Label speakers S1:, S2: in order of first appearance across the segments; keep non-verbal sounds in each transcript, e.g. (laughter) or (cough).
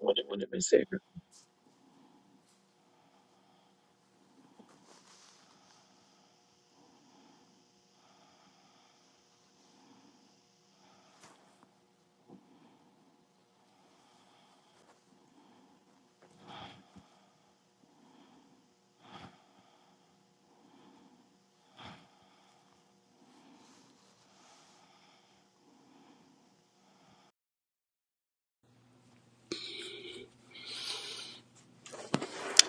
S1: Good morning, Miss Savior.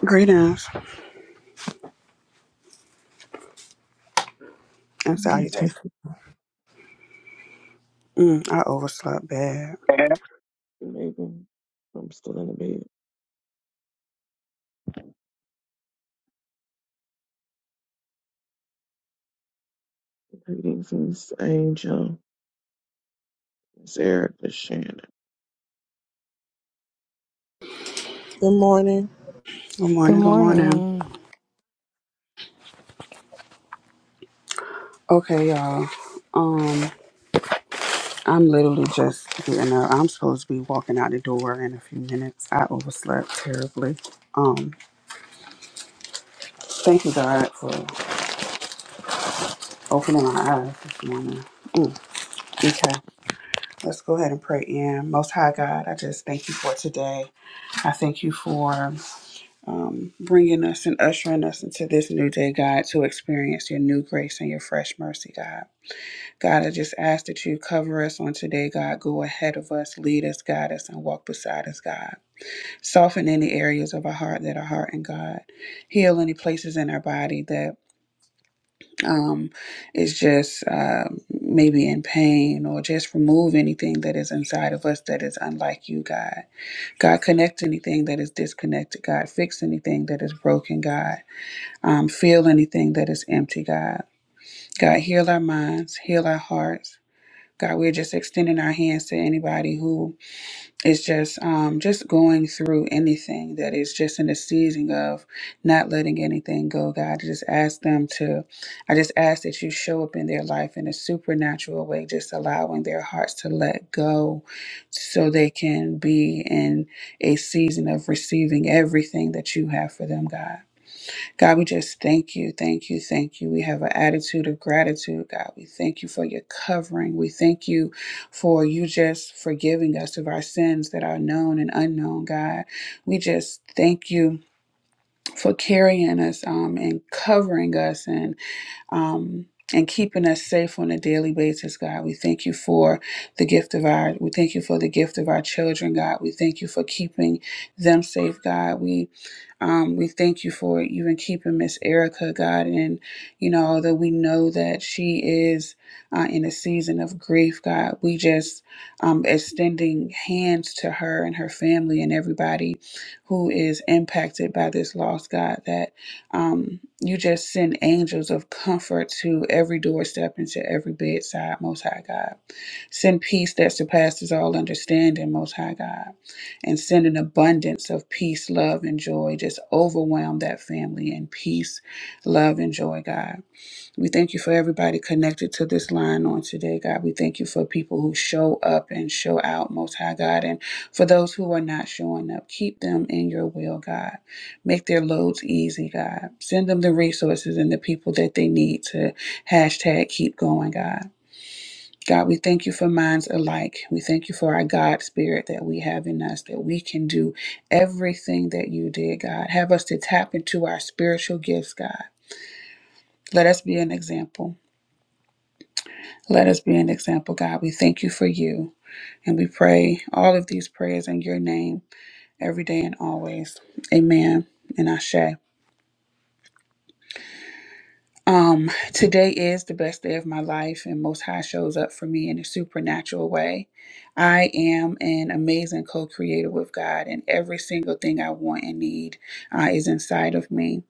S2: Greetings and
S1: Please take
S2: salutations. Mm, I overslept bad.
S1: me Megan. I'm still in the bed. Greetings, Miss Angel, Miss Erica, Shannon.
S3: Good morning.
S2: Good
S4: Good
S2: morning, good morning.
S4: morning.
S2: Okay, y'all. Um, I'm literally just getting up. I'm supposed to be walking out the door in a few minutes. I overslept terribly. Um, thank you God for opening my eyes this morning. Mm, okay. Let's go ahead and pray in. Most High God, I just thank you for today. I thank you for um, bringing us and ushering us into this new day, God, to experience your new grace and your fresh mercy, God. God, I just ask that you cover us on today, God. Go ahead of us, lead us, guide us, and walk beside us, God. Soften any areas of our heart that are hardened, God. Heal any places in our body that um, is just uh, maybe in pain, or just remove anything that is inside of us that is unlike you, God. God, connect anything that is disconnected, God. Fix anything that is broken, God. Um, feel anything that is empty, God. God, heal our minds, heal our hearts. God, we're just extending our hands to anybody who is just um, just going through anything that is just in the season of not letting anything go. God, I just ask them to, I just ask that you show up in their life in a supernatural way, just allowing their hearts to let go, so they can be in a season of receiving everything that you have for them, God. God, we just thank you, thank you, thank you. We have an attitude of gratitude, God. We thank you for your covering. We thank you for you just forgiving us of our sins that are known and unknown, God. We just thank you for carrying us um, and covering us and um, and keeping us safe on a daily basis, God. We thank you for the gift of our, we thank you for the gift of our children, God. We thank you for keeping them safe, God. We, um, we thank you for even keeping Miss Erica, God. And, you know, although we know that she is uh, in a season of grief, God, we just um, extending hands to her and her family and everybody who is impacted by this loss, God, That. Um, you just send angels of comfort to every doorstep and to every bedside, Most High God. Send peace that surpasses all understanding, Most High God. And send an abundance of peace, love, and joy. Just overwhelm that family in peace, love, and joy, God. We thank you for everybody connected to this line on today, God. We thank you for people who show up and show out, Most High God. And for those who are not showing up, keep them in your will, God. Make their loads easy, God. Send them the resources and the people that they need to hashtag keep going, God. God, we thank you for minds alike. We thank you for our God spirit that we have in us, that we can do everything that you did, God. Have us to tap into our spiritual gifts, God. Let us be an example. Let us be an example, God. We thank you for you. And we pray all of these prayers in your name every day and always. Amen. And Ashe. Um, today is the best day of my life, and Most High shows up for me in a supernatural way. I am an amazing co creator with God, and every single thing I want and need uh, is inside of me.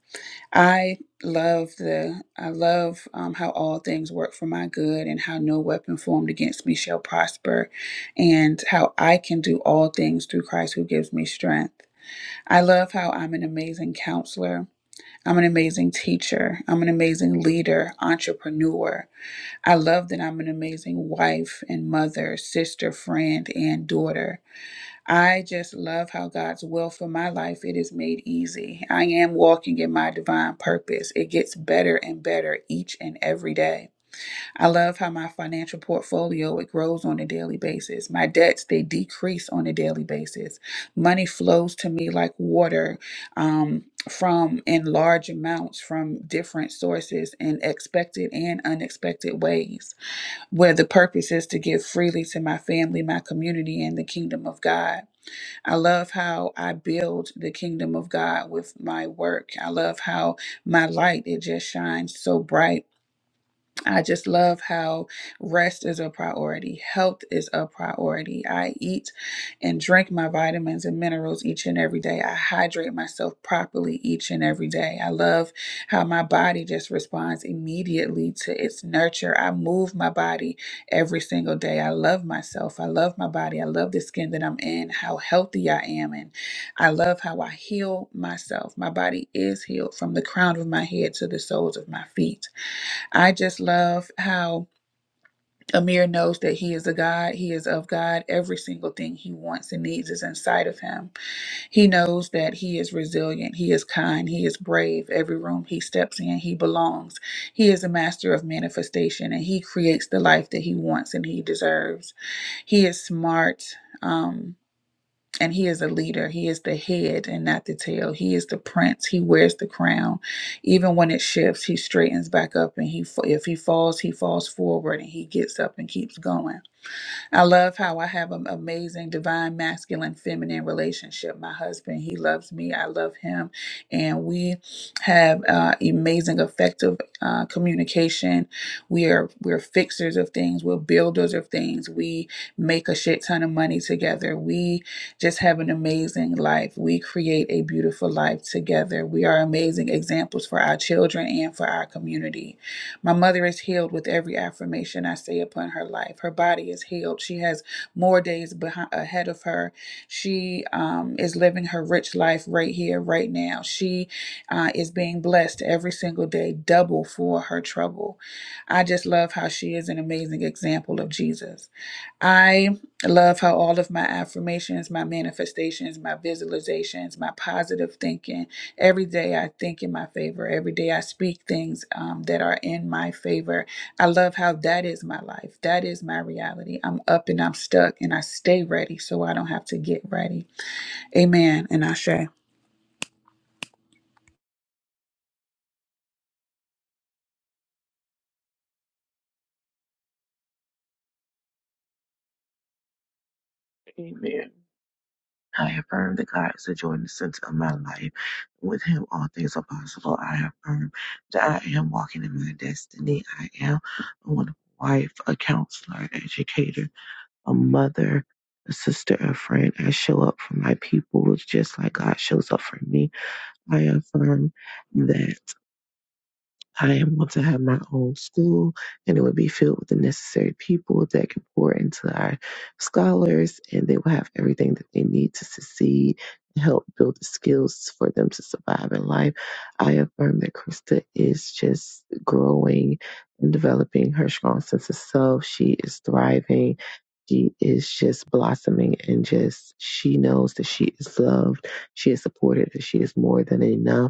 S2: I love the I love um, how all things work for my good and how no weapon formed against me shall prosper and how I can do all things through Christ who gives me strength. I love how I'm an amazing counselor. I'm an amazing teacher. I'm an amazing leader, entrepreneur. I love that I'm an amazing wife and mother, sister, friend, and daughter. I just love how God's will for my life it is made easy. I am walking in my divine purpose. It gets better and better each and every day. I love how my financial portfolio it grows on a daily basis. My debts they decrease on a daily basis. Money flows to me like water um, from in large amounts from different sources in expected and unexpected ways. Where the purpose is to give freely to my family, my community, and the kingdom of God. I love how I build the kingdom of God with my work. I love how my light it just shines so bright I just love how rest is a priority, health is a priority. I eat and drink my vitamins and minerals each and every day. I hydrate myself properly each and every day. I love how my body just responds immediately to its nurture. I move my body every single day. I love myself. I love my body. I love the skin that I'm in, how healthy I am, and I love how I heal myself. My body is healed from the crown of my head to the soles of my feet. I just love how Amir knows that he is a God. He is of God. Every single thing he wants and needs is inside of him. He knows that he is resilient. He is kind. He is brave. Every room he steps in, he belongs. He is a master of manifestation and he creates the life that he wants and he deserves. He is smart. Um, and he is a leader he is the head and not the tail he is the prince he wears the crown even when it shifts he straightens back up and he if he falls he falls forward and he gets up and keeps going I love how I have an amazing divine masculine feminine relationship. My husband, he loves me. I love him. And we have uh, amazing effective uh, communication. We are we're fixers of things. We're builders of things. We make a shit ton of money together. We just have an amazing life. We create a beautiful life together. We are amazing examples for our children and for our community my mother is healed with every affirmation I say upon her life. Her body is healed. She has more days behind, ahead of her. She um, is living her rich life right here, right now. She uh, is being blessed every single day, double for her trouble. I just love how she is an amazing example of Jesus. I love how all of my affirmations, my manifestations, my visualizations, my positive thinking, Every day I think in my favor. Every day I speak things um, that are in my favor. I love how that is my life. That is my reality. I'm up and I'm stuck and I stay ready so I don't have to get ready. Amen. And I say,
S1: Amen. I affirm that God is the joy and the center of my life. With Him, all things are possible. I affirm that I am walking in my destiny. I am a wonderful wife, a counselor, an educator, a mother, a sister, a friend. I show up for my people just like God shows up for me. I affirm that. I am going to have my own school, and it would be filled with the necessary people that can pour into our scholars, and they will have everything that they need to succeed and help build the skills for them to survive in life. I affirm that Krista is just growing and developing her strong sense of self. She is thriving. She is just blossoming and just she knows that she is loved, she is supported, that she is more than enough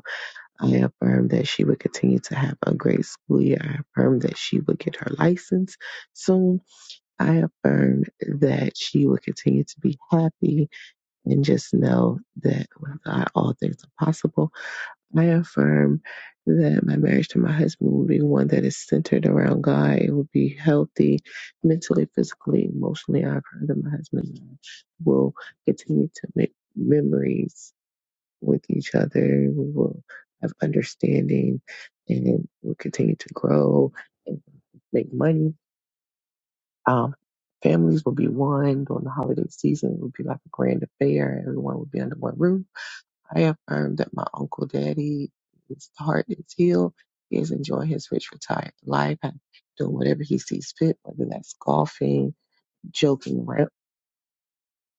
S1: I affirm that she would continue to have a great school year. I affirm that she would get her license soon. I affirm that she would continue to be happy and just know that with God, all things are possible. I affirm that my marriage to my husband will be one that is centered around God. It will be healthy mentally, physically, emotionally. I affirm that my husband will continue to make memories with each other. We will have understanding and it will continue to grow and make money. Um, families will be one during the holiday season. It will be like a grand affair. Everyone will be under one roof. I affirm that my uncle daddy, his heart is healed. He is enjoying his rich retired life, doing whatever he sees fit, whether that's golfing, joking around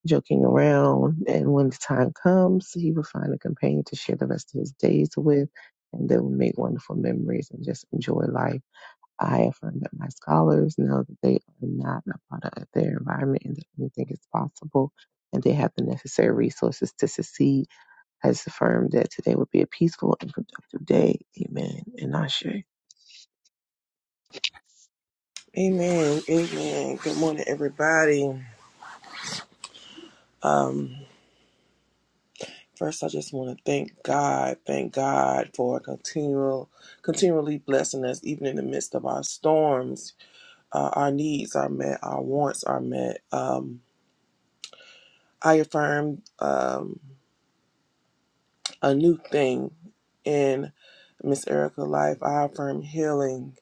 S1: joking around. And when the time comes, he will find a companion to share the rest of his days with, and they will make wonderful memories and just enjoy life. I affirm that my scholars know that they are not a product of their environment and that anything is possible, and they have the necessary resources to succeed. I just affirm that today will be a peaceful and productive day. Amen. And Ashe.
S3: Amen. Amen. Good morning, everybody. Um, first, I just want to thank God. Thank God for continual, continually blessing us, even in the midst of our storms. Uh, our needs are met. Our wants are met. Um, I affirm um, a new thing in Miss Erica's life. I affirm healing.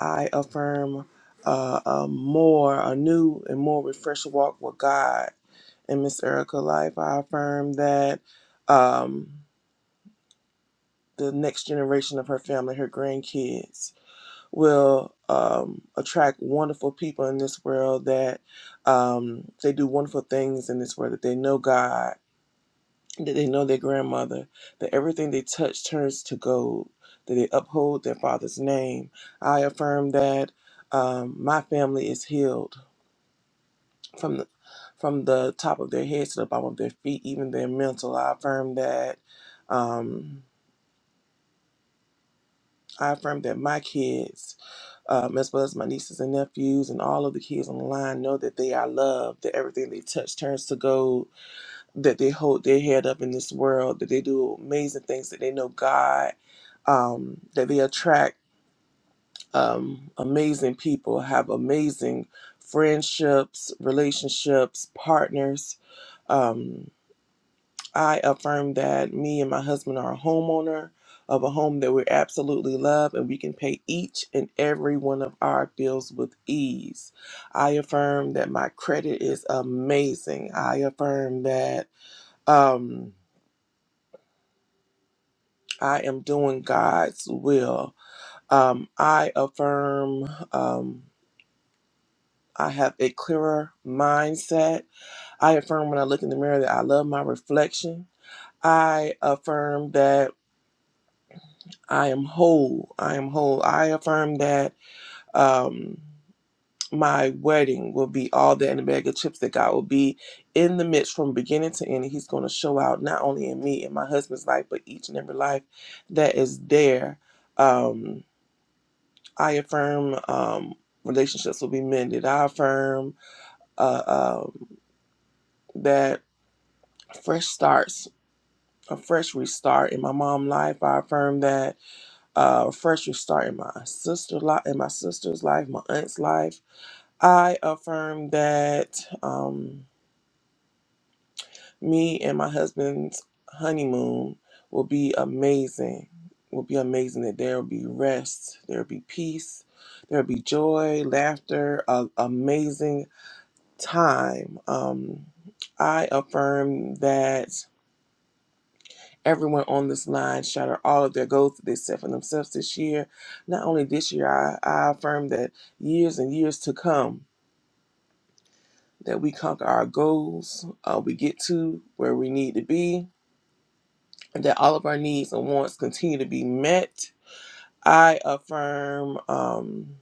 S3: I affirm uh, a more, a new and more refreshed walk with God. and Miss Erica life, I affirm that um, the next generation of her family, her grandkids, will um, attract wonderful people in this world that um, they do wonderful things in this world, that they know God, that they know their grandmother, that everything they touch turns to gold, that they uphold their father's name. I affirm that um, my family is healed from the, from the top of their heads to the bottom of their feet, even their mental. I affirm that. Um, I affirm that my kids, um, as well as my nieces and nephews, and all of the kids on the line, know that they are loved. That everything they touch turns to gold. That they hold their head up in this world. That they do amazing things. That they know God. Um, that they attract um, amazing people. Have amazing friendships, relationships, partners um, I affirm that me and my husband are a homeowner of a home that we absolutely love and we can pay each and every one of our bills with ease. I affirm that my credit is amazing. I affirm that um, I am doing God's will. Um, I affirm um, I have a clearer mindset. I affirm when I look in the mirror that I love my reflection. I affirm that I am whole. I am whole. I affirm that um, my wedding will be all that and a bag of chips that God will be in the midst from beginning to end. He's going to show out not only in me and my husband's life, but each and every life that is there. Um, I affirm um, relationships will be mended. I affirm uh, um that fresh starts, a fresh restart in my mom's life. I affirm that uh, fresh restart in my sister life, in my sister's life, my aunt's life. I affirm that um, me and my husband's honeymoon will be amazing. Will be amazing. That there will be rest, there will be peace, there will be joy, laughter, a amazing time. Um, I affirm that. everyone on this line shall are all of their goals that they set for themselves this year. Not only this year, I, I affirm that years and years to come, that we conquer our goals, uh, we get to where we need to be, and that all of our needs and wants continue to be met. I affirm um,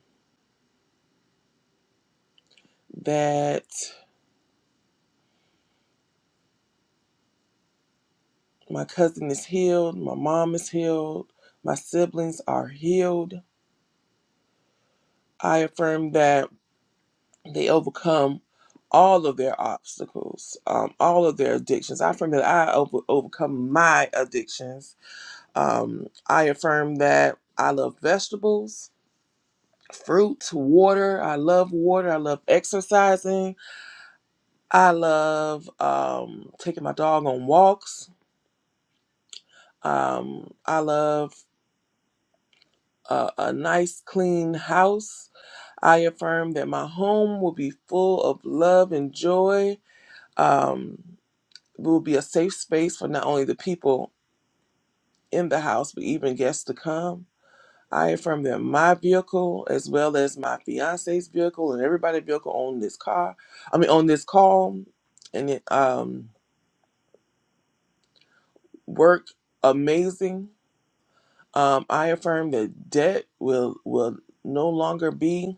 S3: that my cousin is healed, my mom is healed, my siblings are healed. I affirm that they overcome all of their obstacles, um, all of their addictions. I affirm that I over, overcome my addictions. Um, I affirm that I love vegetables, fruits, water. I love water. I love exercising. I love um, taking my dog on walks. Um, I love a, a nice, clean house. I affirm that my home will be full of love and joy. Um, will be a safe space for not only the people in the house, but even guests to come. I affirm that my vehicle, as well as my fiance's vehicle and everybody's vehicle on this car, I mean, on this call, and it um, work amazing. Um, I affirm that debt will will no longer be.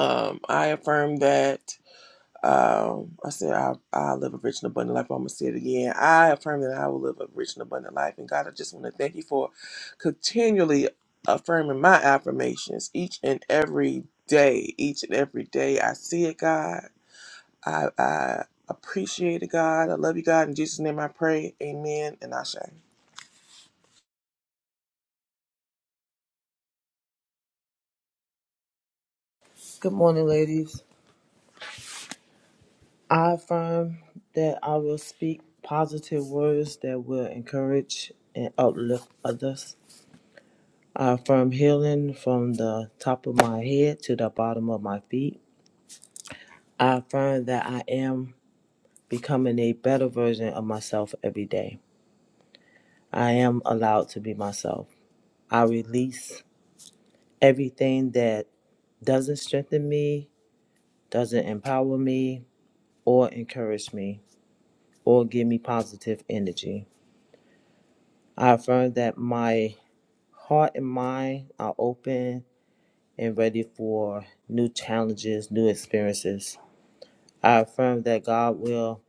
S3: Um, I affirm that Um, I said, I, I live a rich and abundant life. I'm going to say it again. I affirm that I will live a rich and abundant life. And God, I just want to thank you for continually affirming my affirmations each and every day. Each and every day, I see it, God. I, I appreciate it, God. I love you, God. In Jesus' name I pray. Amen. And I say,
S5: Good morning, ladies. I affirm that I will speak positive words that will encourage and uplift others. I affirm healing from the top of my head to the bottom of my feet. I affirm that I am becoming a better version of myself every day. I am allowed to be myself. I release everything that doesn't strengthen me, doesn't empower me, or encourage me, or give me positive energy. I affirm that my heart and mind are open and ready for new challenges, new experiences. I affirm that God will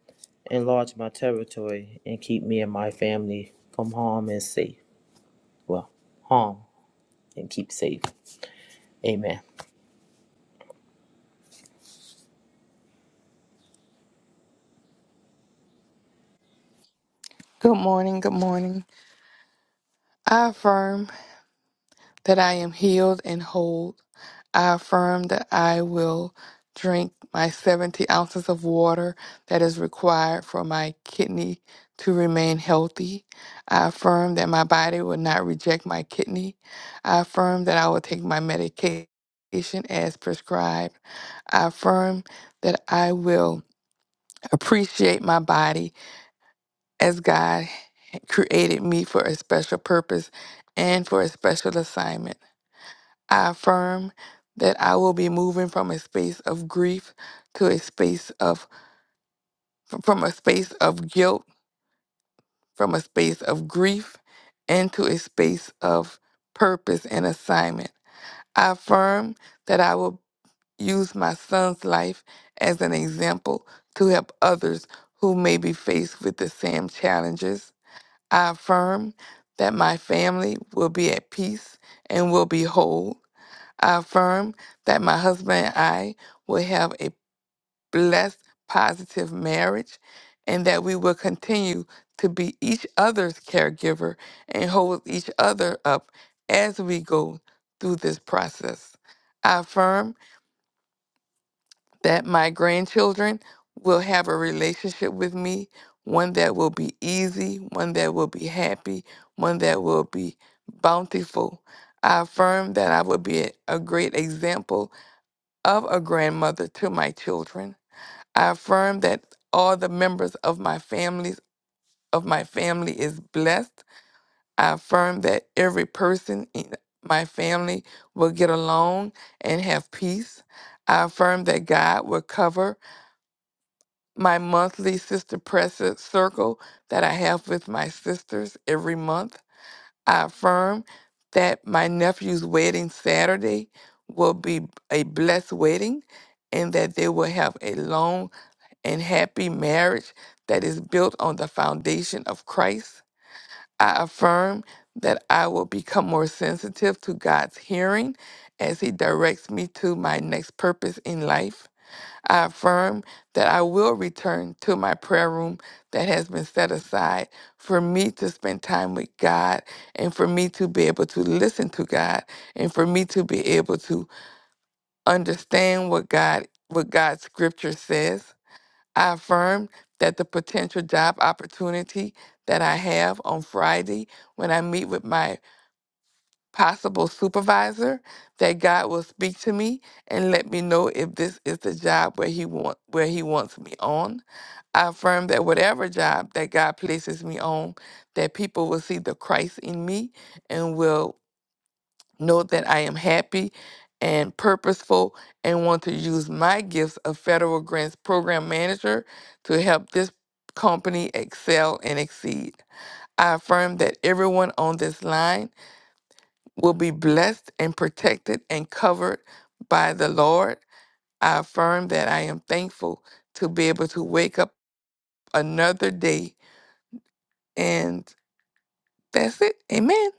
S5: enlarge my territory and keep me and my family from harm and safe. Well, harm and keep safe. Amen.
S4: Good morning. Good morning. I affirm that I am healed and whole. I affirm that I will drink my 70 ounces of water that is required for my kidney to remain healthy. I affirm that my body will not reject my kidney. I affirm that I will take my medication as prescribed. I affirm that I will appreciate my body as God. created me for a special purpose and for a special assignment. I affirm that I will be moving from a space of grief to a space of from a space of guilt, from a space of grief into a space of purpose and assignment. I affirm that I will use my son's life as an example to help others who may be faced with the same challenges. I affirm that my family will be at peace and will be whole. I affirm that my husband and I will have a blessed, positive marriage and that we will continue to be each other's caregiver and hold each other up as we go through this process. I affirm that my grandchildren will have a relationship with me, one that will be easy, one that will be happy, one that will be bountiful. I affirm that I will be a a great example of a grandmother to my children. I affirm that all the members of my families of my family is blessed. I affirm that every person in my family will get along and have peace. I affirm that God will cover my monthly sister presser circle that I have with my sisters every month. I affirm that my nephew's wedding Saturday will be a blessed wedding and that they will have a long and happy marriage that is built on the foundation of Christ. I affirm that I will become more sensitive to God's hearing as He directs me to my next purpose in life. I affirm that I will return to my prayer room that has been set aside for me to spend time with God and for me to be able to listen to God and for me to be able to understand what God what God's scripture says. I affirm that the potential job opportunity that I have on Friday when I meet with my possible supervisor that God will speak to me and let me know if this is the job where he want where he wants me on. I affirm that whatever job that God places me on, that people will see the Christ in me and will know that I am happy and purposeful and want to use my gifts of federal grants program manager to help this company excel and exceed. I affirm that everyone on this line will be blessed and protected and covered by the Lord. I affirm that I am thankful to be able to wake up another day. And that's it. Amen.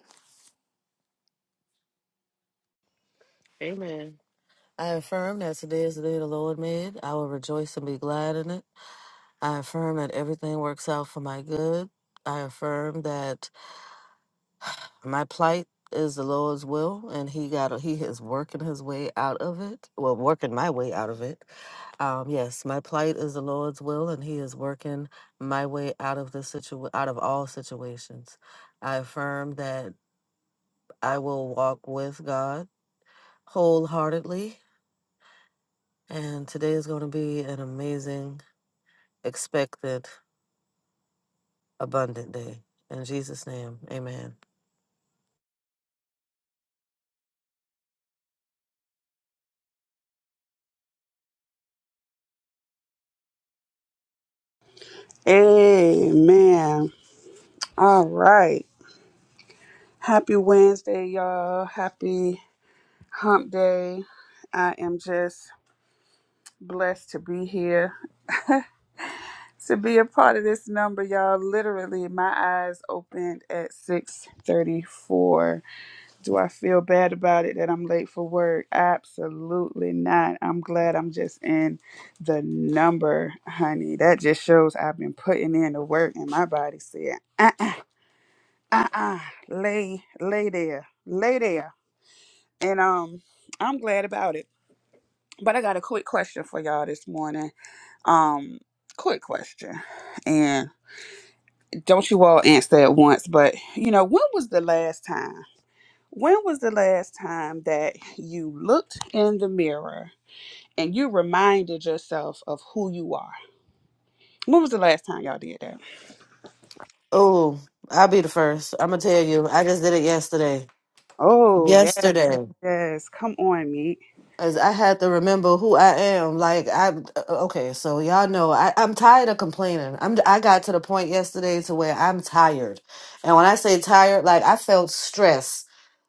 S6: Amen. I affirm that today is the day the Lord made. I will rejoice and be glad in it. I affirm that everything works out for my good. I affirm that my plight is the Lord's will, and He got He is working His way out of it. Well, working my way out of it. Um, yes, my plight is the Lord's will, and He is working my way out of this situ out of all situations. I affirm that I will walk with God wholeheartedly And today is going to be an amazing, expected, abundant day. In Jesus' name, amen.
S2: Amen. All right. Happy Wednesday, y'all. Happy hump day. I am just blessed to be here. (laughs) to be a part of this number, y'all. Literally, my eyes opened at 6:34. Do I feel bad about it that I'm late for work? Absolutely not. I'm glad I'm just in the number, honey. That just shows I've been putting in the work, and my body said, "Uh-uh, uh-uh, lay, lay there, lay there." And um, I'm glad about it. But I got a quick question for y'all this morning. Um, quick question, and Don't you all answer at once, but you know, when was the last time? When was the last time that you looked in the mirror and you reminded yourself of who you are? When was the last time y'all did that?
S6: Oh, I'll be the first. I'm going to tell you, I just did it yesterday.
S2: Oh, yes, yes.
S6: Yesterday.
S2: yes. Come on, meat.
S6: As I had to remember who I am. Like I, uh, okay, so y'all know I, I'm tired of complaining. I'm I got to the point yesterday to where I'm tired, and when I say tired, like I felt stress.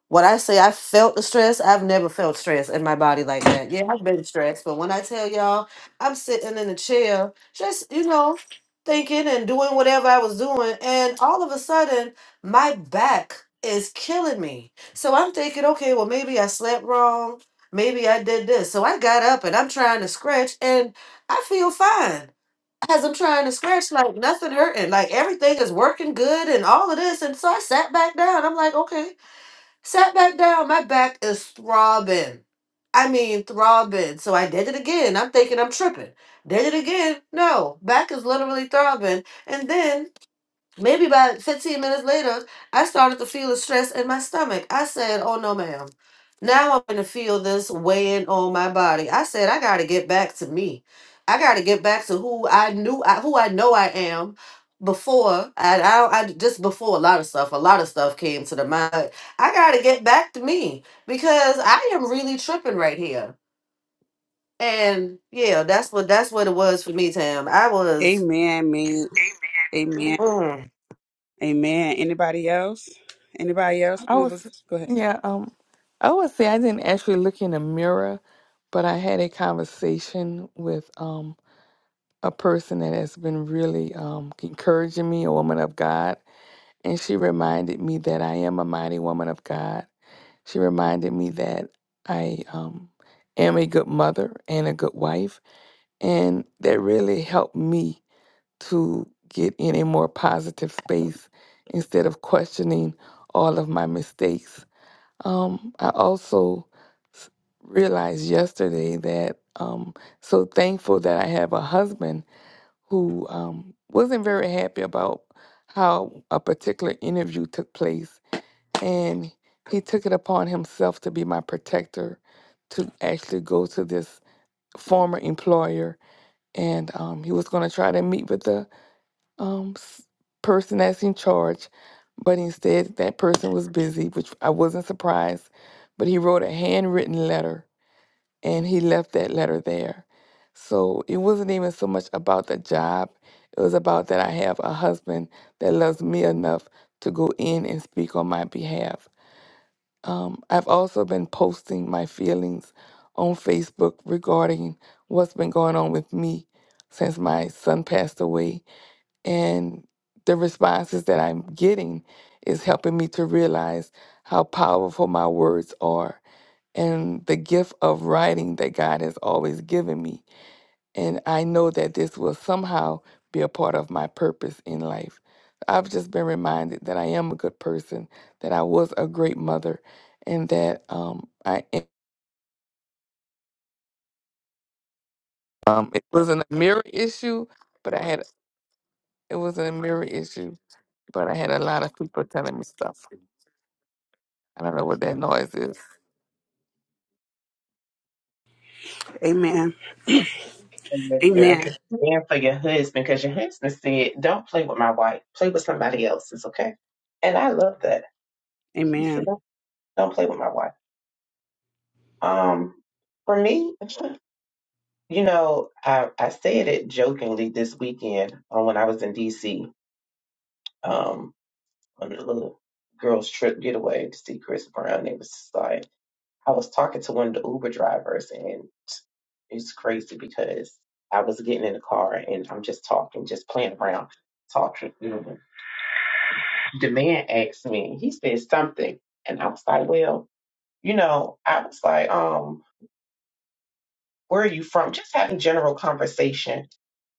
S6: When I say I felt the stress, I've never felt stress in my body like that. Yeah, I've been stressed, but when I tell y'all, I'm sitting in a chair, just you know, thinking and doing whatever I was doing, and all of a sudden, my back is killing me. So I'm thinking, okay, well maybe I slept wrong Maybe I did this. So I got up and I'm trying to scratch and I feel fine. As I'm trying to scratch, like nothing hurting, like everything is working good and all of this. And so I sat back down. I'm like, okay, sat back down. My back is throbbing. I mean, throbbing. So I did it again. I'm thinking I'm tripping. Did it again. No, back is literally throbbing. And then Maybe about 15 minutes later, I started to feel a stress in my stomach. I said, Oh no, ma'am. Now I'm going to feel this weighing on my body. I said, I got to get back to me. I got to get back to who I knew, I, who I know I am before. I, I, I just before a lot of stuff, a lot of stuff came to the mind. I got to get back to me because I am really tripping right here. And yeah, that's what that's what it was for me, Tam. I was
S2: Amen, meat. Amen.
S6: mm,
S2: Amen. Anybody else? Anybody else?
S4: I
S2: When
S4: was,
S2: was go ahead.
S4: yeah, um, I would say I didn't actually look in the mirror, but I had a conversation with um, a person that has been really um, encouraging me, a woman of God. And she reminded me that I am a mighty woman of God She reminded me that I um, am a good mother and a good wife, and that really helped me to get in a more positive space instead of questioning all of my mistakes. Um, I also s- realized yesterday that um, so thankful that I have a husband who um, wasn't very happy about how a particular interview took place and he took it upon himself to be my protector to actually go to this former employer and um, he was going to try to meet with the um, s- person that's in charge but instead that person was busy which i wasn't surprised but he wrote a handwritten letter and he left that letter there so it wasn't even so much about the job it was about that i have a husband that loves me enough to go in and speak on my behalf um, I've also been posting my feelings on Facebook regarding what's been going on with me since my son passed away. And the responses that I'm getting is helping me to realize how powerful my words are and the gift of writing that God has always given me and I know that this will somehow be a part of my purpose in life. I've just been reminded that I am a good person, that I was a great mother, and that um, I am- um, it wasn't a mirror issue, but I had it wasn't a mirror issue, but I had a lot of people telling me stuff. I don't know what that noise is.
S2: Amen.
S1: and the
S2: Amen.
S1: therapist and for your husband because your husband said, "Don't play with my wife. Play with somebody else. It's okay." And I love that. He said,
S2: Amen.
S1: "Don't, don't play with my wife." Um, for me, you know, I I said it jokingly this weekend uh, when I was in D.C. Um, on a little girls' trip getaway to see Chris Brown. It was like. I was talking to one of the Uber drivers, and it's crazy because I was getting in the car and I'm just talking, just playing around, talking. Mhm. The man asked me, he said something, and I was like, well, you know, I was like, um, where are you from? Just having general conversation.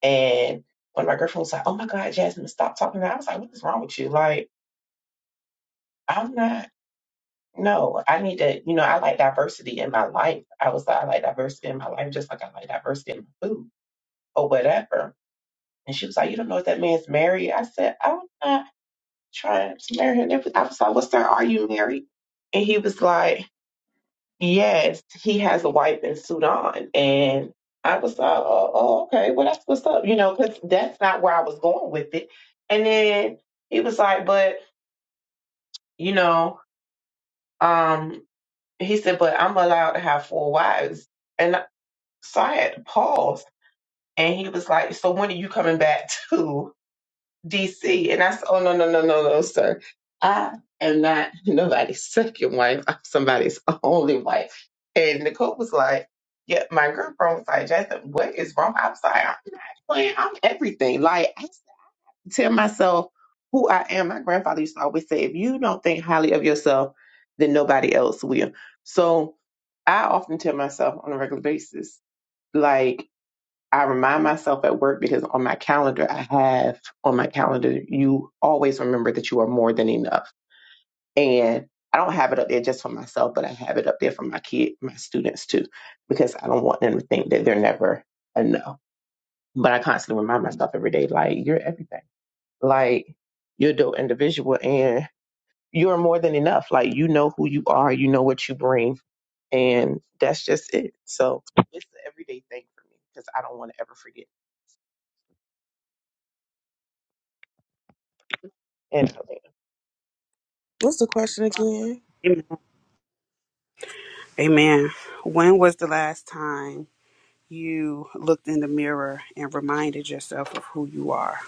S1: And when my girlfriend was like, "Oh my God, Jasmine, stop talking," I was like, "What is wrong with you? Like, I'm not. No, I need to. You know, I like diversity in my life. I was like, I like diversity in my life, just like I like diversity in my food." or whatever. And she was like, You don't know if that man's married. I said, I'm not trying to marry him. I was like, Well, sir, are you married? And he was like, Yes, he has a wife in Sudan. And I was like, Oh, oh okay. Well, that's what's up, you know, because that's not where I was going with it. And then he was like, But, you know, um, he said, But I'm allowed to have four wives. And so I had to pause. And he was like, So when are you coming back (laughs) to? DC. And I said, Oh, no, no, no, no, no, sir. I am not nobody's (laughs) second wife. I'm somebody's (laughs) only wife. And Nicole was like, Yeah, my girlfriend was like, Jason, what is wrong? I was like, I'm not playing. I'm everything. Like, I tell myself who I am. My grandfather used to always say, If you don't think highly of yourself, then nobody else will. So I often tell myself on a regular basis, like, I remind myself at work because on my calendar, I have on my calendar, you always remember that you are more than enough. And I don't have it up there just for myself, but I have it up there for my kid, my students too, because I don't want them to think that they're never enough. But I constantly remind myself every day, like, you're everything. Like, you're a dope individual and you're more than enough. Like, you know who you are, you know what you bring, and that's just it. So it's an everyday thing for me because I don't want to ever forget. And
S3: What's the question again?
S2: Amen. Amen. When was the last time? you looked in the mirror and reminded yourself of who you are.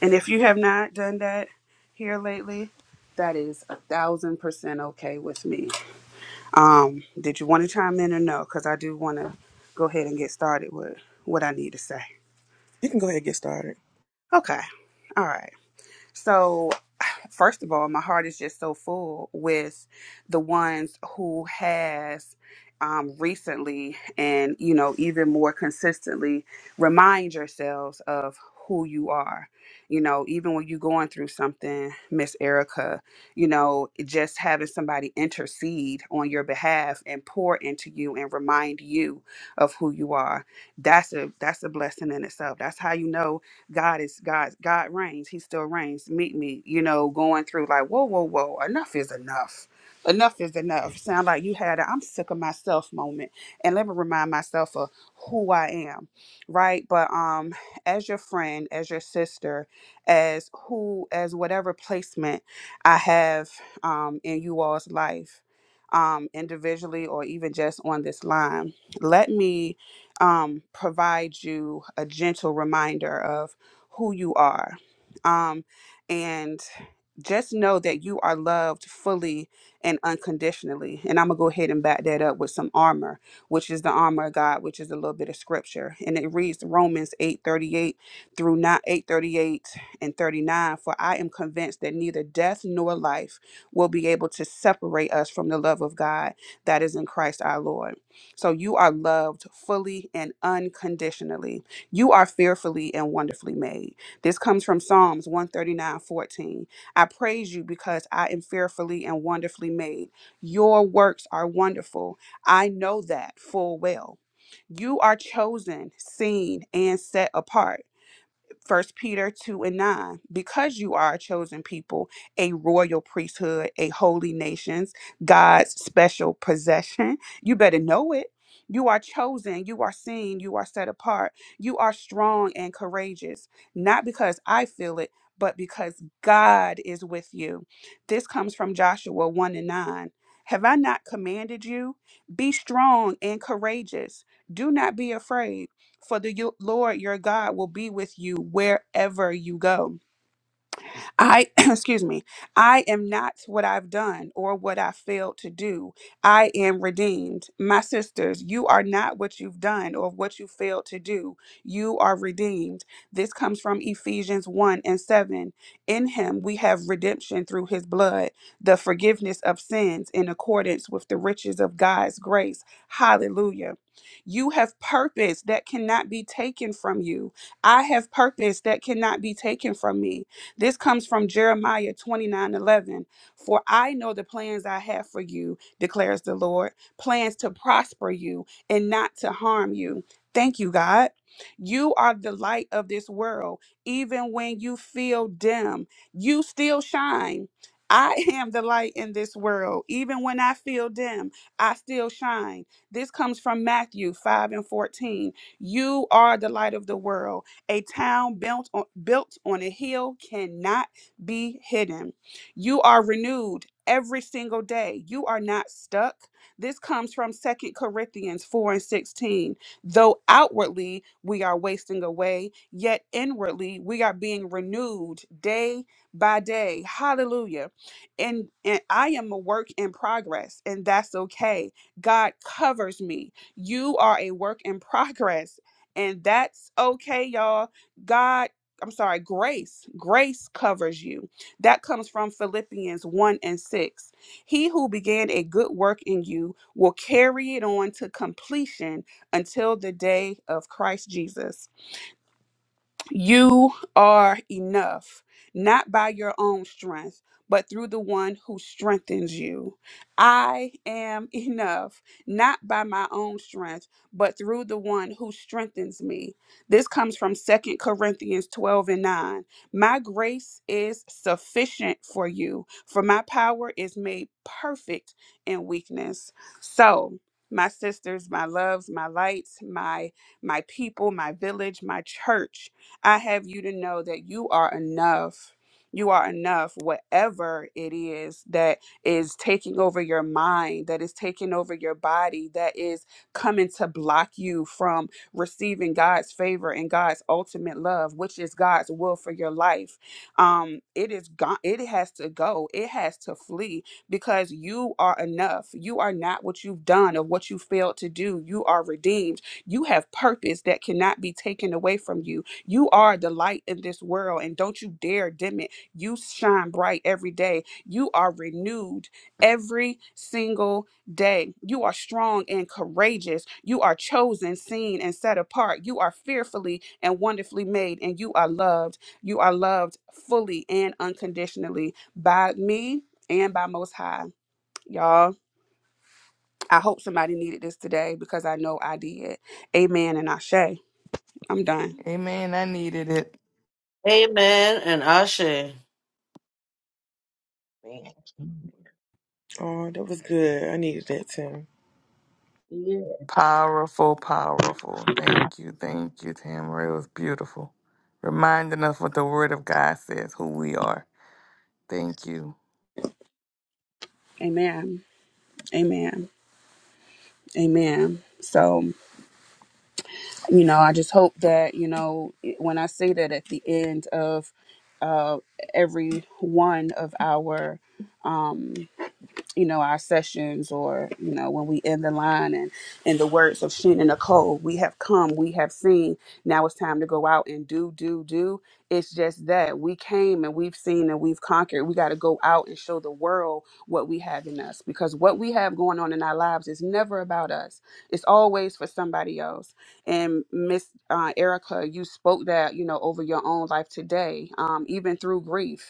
S2: And if you have not done that here lately, that is a thousand percent okay with me. Um, did you want to chime in or no? Because I do want to go ahead and get started with what I need to say.
S3: You can go ahead and get started.
S2: Okay. All right. So. first of all, my heart is just so full with the ones who has um, recently and you know even more consistently remind yourselves of who you are. You know, even when you're going through something, Miss Erica, you know, just having somebody intercede on your behalf and pour into you and remind you of who you are. That's a that's a blessing in itself. That's how you know God is God. God reigns. He still reigns. Meet me. You know, going through like, whoa, whoa, whoa. Enough is enough. Enough is enough. Sound like you had a I'm sick of myself moment. And let me remind myself of who I am. Right. But um as your friend, as your sister, as who, as whatever placement I have um in you all's life, um, individually or even just on this line, let me um, provide you a gentle reminder of who you are. Um, and just know that you are loved fully and unconditionally. And I'm going to go ahead and back that up with some armor, which is the armor of God, which is a little bit of scripture. And it reads Romans 8:38 through not 8:38 and 39, for I am convinced that neither death nor life will be able to separate us from the love of God that is in Christ our Lord. So you are loved fully and unconditionally you are fearfully and wonderfully made. This comes from Psalms one thirty nine fourteen. I praise you because I am fearfully and wonderfully made. Your works are wonderful. I know that full well. You are chosen, seen, and set apart. First Peter 2 and 9, because you are a chosen people, a royal priesthood, a holy nations, God's special possession. You better know it. You are chosen, you are seen, you are set apart. You are strong and courageous, not because I feel it, but because God is with you. This comes from Joshua 1 and 9. Have I not commanded you? Be strong and courageous. Do not be afraid. For the Lord your God will be with you wherever you go. I, (clears throat) excuse me, I am not what I've done or what I failed to do. I am redeemed. My sisters, you are not what you've done or what you failed to do. You are redeemed. This comes from Ephesians 1 and 7. In him we have redemption through his blood, the forgiveness of sins in accordance with the riches of God's grace. Hallelujah. You have purpose that cannot be taken from you. I have purpose that cannot be taken from me. This comes from Jeremiah 29 11. For I know the plans I have for you, declares the Lord, plans to prosper you and not to harm you. Thank you, God. You are the light of this world. Even when you feel dim, you still shine. I (laughs) am the light in this world. Even when I feel dim, I still shine. This comes from Matthew 5 and 14. You are the light of the world. A town built on, built on a hill cannot be hidden. You are renewed every single day. You are not stuck. This comes from Second Corinthians 4 and 16. Though outwardly we are wasting away, yet inwardly we are being renewed day by day. Hallelujah. And, and I am a work in progress, and that's okay. God covers me. You are a work in progress and that's okay, y'all. God, I'm sorry, grace, grace covers you. That comes from Philippians 1 and 6. He who began a good work in you will carry it on to completion until the day of Christ Jesus. You are enough, not by your own strength, but through the one who strengthens you. I am enough, not by my own strength, but through the one who strengthens me. This comes from Second Corinthians 12 and 9. My grace is sufficient for you, for my power is made perfect in weakness. So, my sisters, my loves, my lights, my my people, my village, my church I have you to know that you are enough. You are enough, whatever it is that is taking over your mind, that is taking over your body, that is coming to block you from receiving God's favor and God's ultimate love, which is God's will for your life. Um, it is gone, it has to go, it has to flee because you are enough. You are not what you've done or what you failed to do. You are redeemed. You have purpose that cannot be taken away from you you are the light in this world, and don't you dare dim it. You shine bright every day. You are renewed every single day. You are strong and courageous. You are chosen, seen, and set apart. You are fearfully and wonderfully made, and you are loved. You are loved fully and unconditionally by me and by Most High. Y'all, I hope somebody needed this today because I know I did. Amen and Ashe. I'm done.
S4: Amen. I needed it.
S6: amen and ashe.
S1: Man.
S3: Oh, that was good. I needed that, Tim.
S1: Yeah.
S4: Powerful, powerful. Thank you, thank you, Tamara. It was beautiful. Reminding us what the Word of God says, who we are. Thank you.
S2: Amen. Amen. Amen. So, you know, I just hope that, you know, when I say that at the end of uh, every one of our um, you know, our sessions or, you know, when we end the line and in the words of Shin and Nicole, we have come, we have seen. Now it's time to go out and do, do, do. It's just that we came and we've seen and we've conquered. We got to go out and show the world what we have in us because what we have going on in our lives is never about us. It's always for somebody else. And Miss uh, Erica, you spoke that, you know, over your own life today, um, even through grief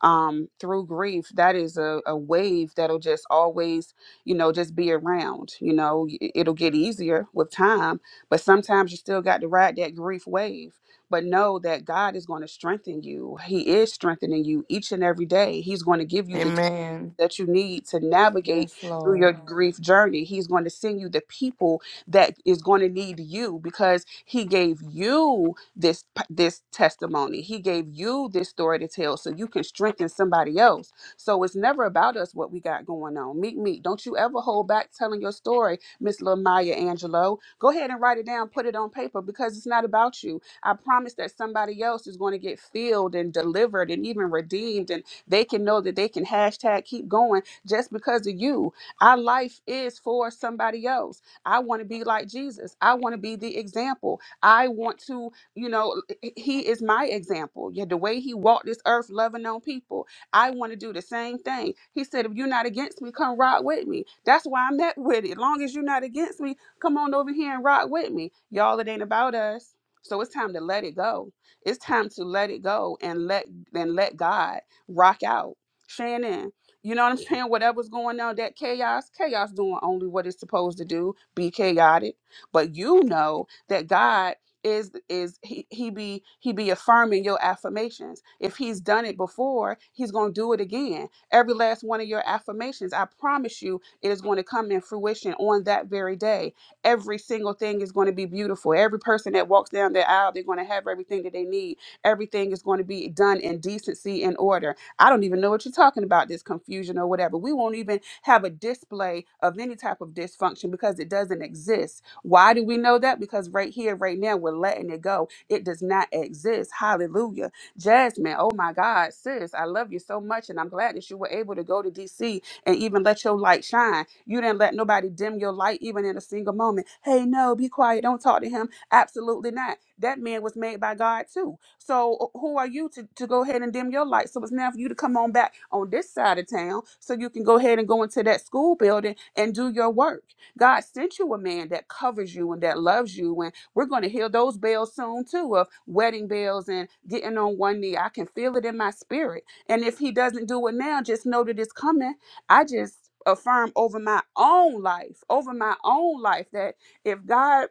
S2: um, through grief, that is a, a wave that'll just always, you know, just be around. You know, Y- it'll get easier with time, but sometimes you still got to ride that grief wave. But know that God is going to strengthen you. He is strengthening you each and every day. He's going to give you the
S4: Amen.
S2: that you need to navigate
S4: Yes,
S2: through your
S4: Lord.
S2: grief journey. He's going to send you the people that is going to need you because he gave you this this testimony. He gave you this story to tell so you can strengthen somebody else. So it's never about us what we got going on. Meet me. Don't you ever hold back telling your story, Miss Maya Angelo. Go ahead and write it down, put it on paper because it's not about you. I promise that somebody else is going to get filled and delivered and even redeemed and. They can know that they can hashtag keep going just because of you. Our life is for somebody else. I want to be like Jesus. I want to be the example. I want to, you know, he is my example. Yeah, the way he walked this earth loving on people. I want to do the same thing. He said, if you're not against me, come ride with me. That's why I'm at with it. Long as you're not against me, come on over here and rock with me. Y'all, it ain't about us. So it's time to let it go. It's time to let it go and let and let God rock out. Shannon, you know what I'm saying? Whatever's going on, that chaos, chaos doing only what it's supposed to do, be chaotic. But you know that God is is he he be he be affirming your affirmations. If he's done it before, he's gonna do it again. Every last one of your affirmations, I promise you, it is going to come in fruition on that very day. Every single thing is going to be beautiful. Every person that walks down the aisle, they're going to have everything that they need everything is going to be done in decency and order I don't even know what you're talking about, this confusion or whatever. We won't even have a display of any type of dysfunction because it doesn't exist. Why do we know that? Because right here, right now, we're letting it go. It does not exist. Hallelujah. Jasmine, oh my God, sis, I love you so much. And I'm glad that you were able to go to DC and even let your light shine. You didn't let nobody dim your light even in a single moment. Hey, no, be quiet. Don't talk to him. Absolutely not. That man was made by God too. So uh, who are you to, to go ahead and dim your light? So it's now for you to come on back on this side of town so you can go ahead and go into that school building and do your work. God sent you a man that covers you and that loves you. And we're going to hear those bells soon too of wedding bells and getting on one knee. I can feel it in my spirit. And if he doesn't do it now, just know that it's coming. I just affirm over my own life, over my own life that if God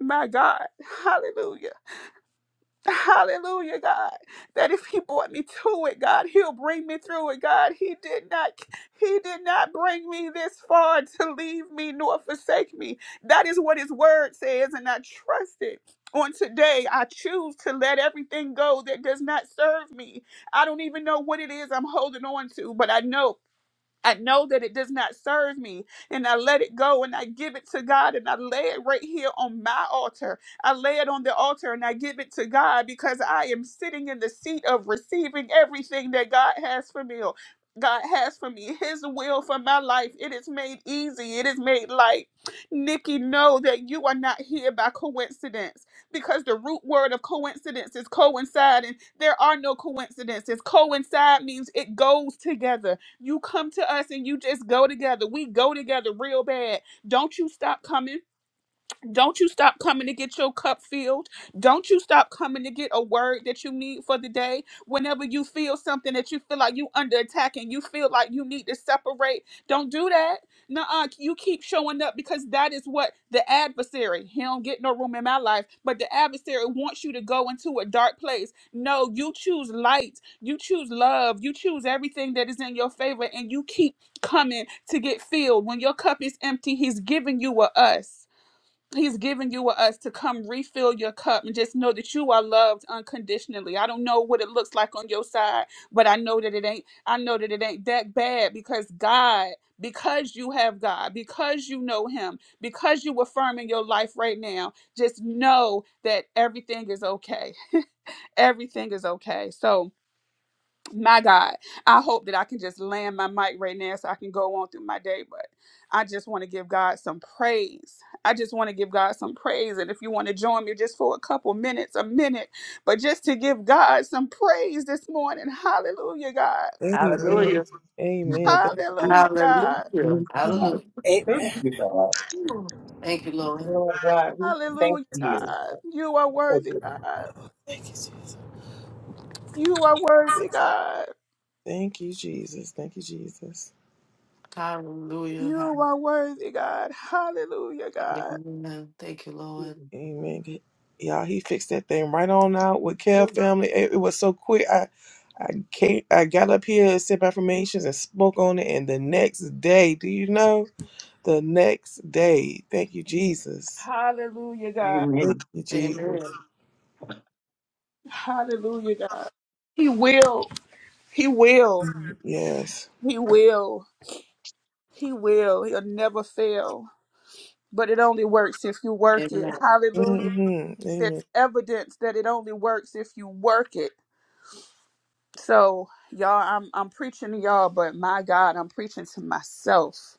S2: my God, hallelujah, hallelujah, God, that if He brought me to it, God, He'll bring me through it, God. He did not, He did not bring me this far to leave me nor forsake me. That is what His Word says, and I trust it. On today, I choose to let everything go that does not serve me. I don't even know what it is I'm holding on to, but I know I know that it does not serve me, and I let it go and I give it to God and I lay it right here on my altar. I lay it on the altar and I give it to God because I am sitting in the seat of receiving everything that God has for me. God has for me His will for my life. It is made easy. It is made light. Nikki, know that you are not here by coincidence because the root word of coincidence is coincide, and there are no coincidences. Coincide means it goes together. You come to us and you just go together. We go together real bad. Don't you stop coming don't you stop coming to get your cup filled. Don't you stop coming to get a word that you need for the day. Whenever you feel something that you feel like you under attack and you feel like you need to separate, don't do that. Nuh-uh. You keep showing up because that is what the adversary, he don't get no room in my life, but the adversary wants you to go into a dark place. No, you choose light. You choose love. You choose everything that is in your favor and you keep coming to get filled. When your cup is empty, he's giving you a us. He's given you or us to come refill your cup and just know that you are loved unconditionally. I don't know what it looks like on your side, but I know that it ain't I know that it ain't that bad because God, because you have God, because you know him, because you affirm in your life right now, just know that everything is okay. Everything is okay. So my God, I hope that I can just land my mic right now so I can go on through my day. But I just want to give God some praise. I just want to give God some praise. And if you want to join me just for a couple minutes, a minute, but just to give God some praise this morning. Hallelujah, God.
S3: Amen.
S6: Hallelujah.
S3: Amen. Thank,
S2: Hallelujah, God.
S1: Yes,
S6: Hallelujah. Hallelujah.
S1: God. Thank you, God.
S6: Ooh, Thank you, Lord.
S1: Oh, God, we thank
S2: Hallelujah,
S1: you.
S2: God. You are worthy, God. You are worthy, God.
S3: thank you, Jesus. Thank you, Jesus.
S6: Hallelujah.
S2: You are
S6: Hallelujah.
S2: worthy, God. Hallelujah, God.
S6: Amen. Thank you, Lord.
S3: Amen. Y'all, he fixed that thing right on out with Care
S6: Ooh,
S3: Family. It, it was so quick. I, I came, I got up here and sent my and spoke on it. And the next day, do you know? The next day. Thank you, Jesus.
S2: Hallelujah, God.
S3: Thank
S1: Amen.
S3: you, Jesus.
S6: Amen.
S2: Hallelujah, God. He will. He will.
S3: Mhm. Yes.
S2: He will. He will. He'll never fail. But it only works if you work it.
S6: Amen.
S2: Hallelujah.
S3: hmm Amen.
S2: There's evidence that it only works if you work it. So y'all, I'm I'm preaching to y'all, but my God, I'm preaching to myself.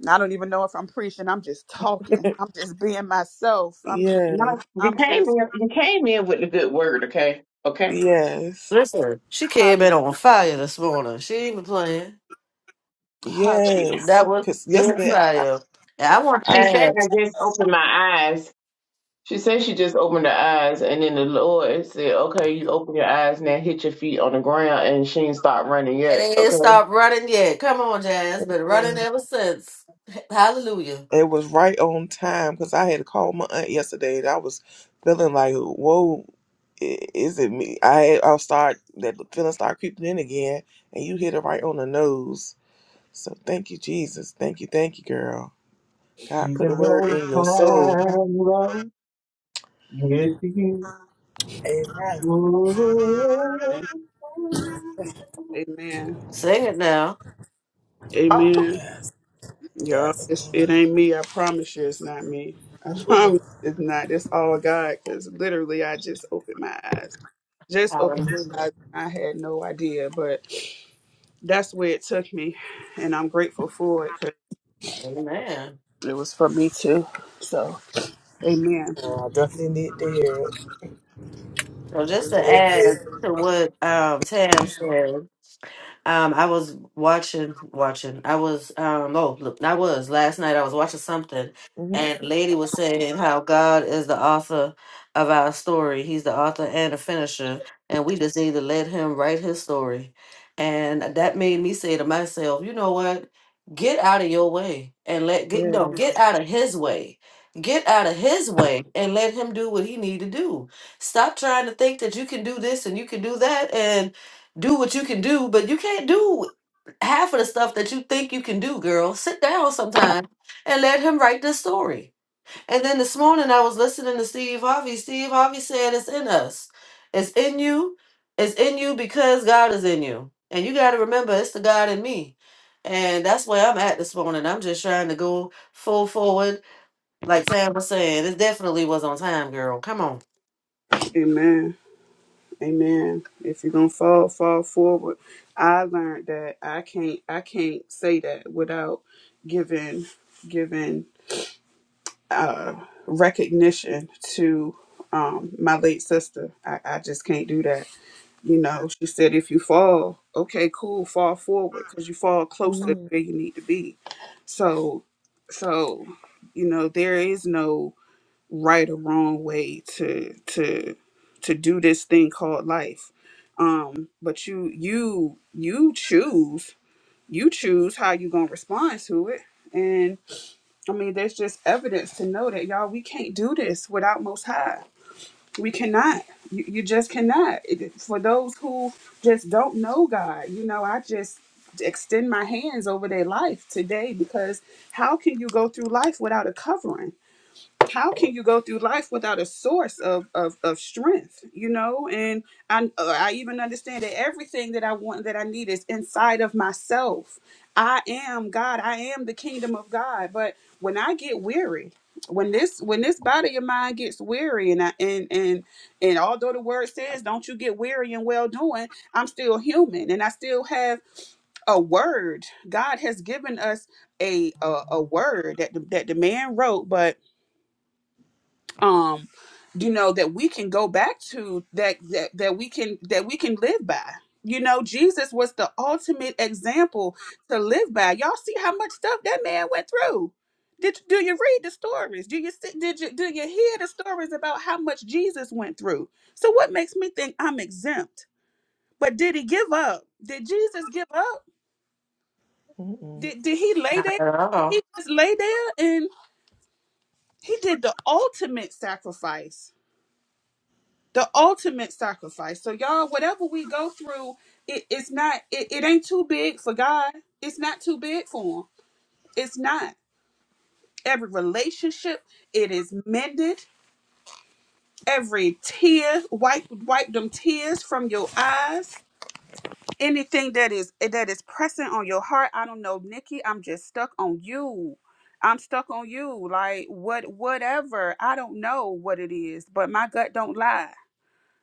S2: And I don't even know if I'm preaching. I'm just talking. I'm just being myself. I'm just
S1: No,
S3: Yes.
S1: you
S2: I'm
S1: came
S2: just
S1: in, you came in with the good word, okay? Okay.
S3: Yes.
S6: Listen, she came
S2: hallelujah.
S6: in on fire this morning. She ain't even playing.
S2: Hallelujah.
S1: She,
S3: Yes.
S6: That was
S3: Because
S6: good
S3: yesterday,
S6: fire. And I want to
S1: she said, I
S6: ask,
S1: just opened my eyes. She said she just opened her eyes, and then the Lord said, Okay, you open your eyes now, hit your feet on the ground, and she ain't start running
S6: and
S1: yet,
S6: it ain't
S1: okay? 'Cause
S6: stopped running yet. Come on, Jazz. Been running
S3: I,
S6: ever since. (laughs) Hallelujah.
S3: It was right on time because I had called my aunt yesterday and I was feeling like, whoa, i- is it me? I had, I'll start, that feeling start creeping in again and you hit it right on the nose. So thank you, Jesus. Thank you, thank you, girl. God
S1: He's
S3: put the
S1: an
S3: word
S1: old
S3: in your soul.
S1: time love. Yes, he is.
S5: Amen.
S1: Happy Wednesday.
S2: Amen.
S6: Sing it now.
S2: Amen. Y'all,
S5: Yes,
S2: it's, it
S5: Lord.
S2: ain't me. I promise you, it's not me. I (laughs) promise it's not. It's all God. Because literally, I just opened my eyes. Just opened
S6: Hallelujah.
S2: my eyes. I had no idea, but that's where it took me, and I'm grateful for it. 'cause
S6: Amen.
S2: it was for me too. So, Amen,
S5: Well, I definitely need to hear it.
S6: So just to
S5: Thank
S6: add
S5: you.
S6: to what um, Tam said, Um, I was watching, watching. I was, um, oh, look, I was last night. I was watching something,
S3: hmm
S6: and lady was saying how God is the author of our story. He's the author and the finisher, and we just need to let Him write His story. And that made me say to myself, you know what? Get out of your way and let get no
S3: Yeah.
S6: get out of His way. Get out of his way and let him do what he need to do. Stop trying to think that you can do this and you can do that and do what you can do, but you can't do half of the stuff that you think you can do, girl. Sit down sometime and let him write this story. And then this morning I was listening to Steve Harvey. Steve Harvey said it's in us. It's in you. It's in you because God is in you. And you gotta remember it's the God in me. And that's where I'm at this morning. I'm just trying to go full forward. Like Sam was saying, it definitely was on time, girl. Come on.
S2: Amen, Amen. If you're gonna fall, fall forward. I learned that I can't. I can't say that without giving, giving. uh, recognition to um, my late sister. I, I just can't do that. You know, she said, if you fall, okay, cool, fall forward because you fall closer to
S3: Amen.
S2: where you need to be. So, so you know, there is no right or wrong way to to to do this thing called life. Um, but you you you choose you choose how you're gonna respond to it, and. I mean, there's just evidence to know that y'all, we can't do this without Most High. We cannot. You, you just cannot. It- For those who just don't know God, you know, I just extend my hands over their life today because how can you go through life without a covering? how can you go through life without a source of of, of strength you know and i uh, i even understand that everything that i want that i need is inside of myself i am god i am the kingdom of god but when i get weary when this when this body of mine gets weary and I, and and and although the word says don't you get weary in well doing i'm still human and i still have a word god has given us a a, a word that the, that the man wrote but um you know that we can go back to that that that we can that we can live by you know jesus was the ultimate example to live by y'all see how much stuff that man went through did do you read the stories do you see did you do you hear the stories about how much jesus went through so what makes me think i'm exempt but did he give up did jesus give up
S3: Mm-mm.
S2: did, did he lay
S6: Not
S2: there
S6: at
S2: did
S6: all.
S2: he just lay there and he did the ultimate sacrifice the ultimate sacrifice. So y'all, whatever we go through, it, it's not it, it ain't too big for God. It's not too big for him. It's not. Every relationship, it is mended. Every tear, wipe wipe them tears from your eyes. Anything that is that is pressing on your heart. I don't know, Nikki. I'm just stuck on you. I'm stuck on you. Like what whatever. I don't know what it is, but my gut don't lie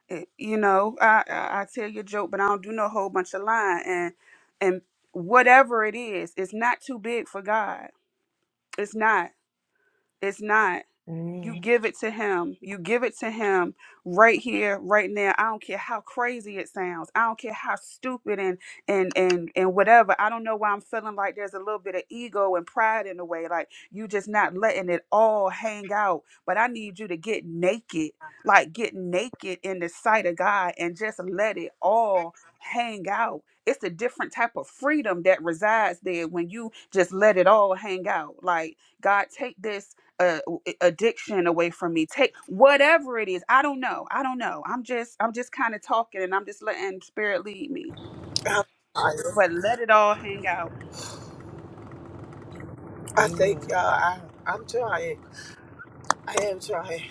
S2: it- you know, I, I I tell you a joke, but I don't do no whole bunch of lying. And and whatever it is, it's not too big for God. It's not. It's not. You
S3: Amen.
S2: give it to him. You give it to him right here, right now. I don't care how crazy it sounds. I don't care how stupid and and and and whatever. I don't know why I'm feeling like there's a little bit of ego and pride in the way. Like you just not letting it all hang out. But I need you to get naked, like get naked in the sight of God and just let it all hang out. It's a different type of freedom that resides there when you just let it all hang out. Like God, take this. uh, addiction away from me take whatever it is i don't know i don't know i'm just i'm just kind of talking and i'm just letting spirit lead me
S5: I'm trying.
S2: but let it all hang out
S5: I
S3: Amen.
S5: thank y'all. I, I'm trying. I am trying.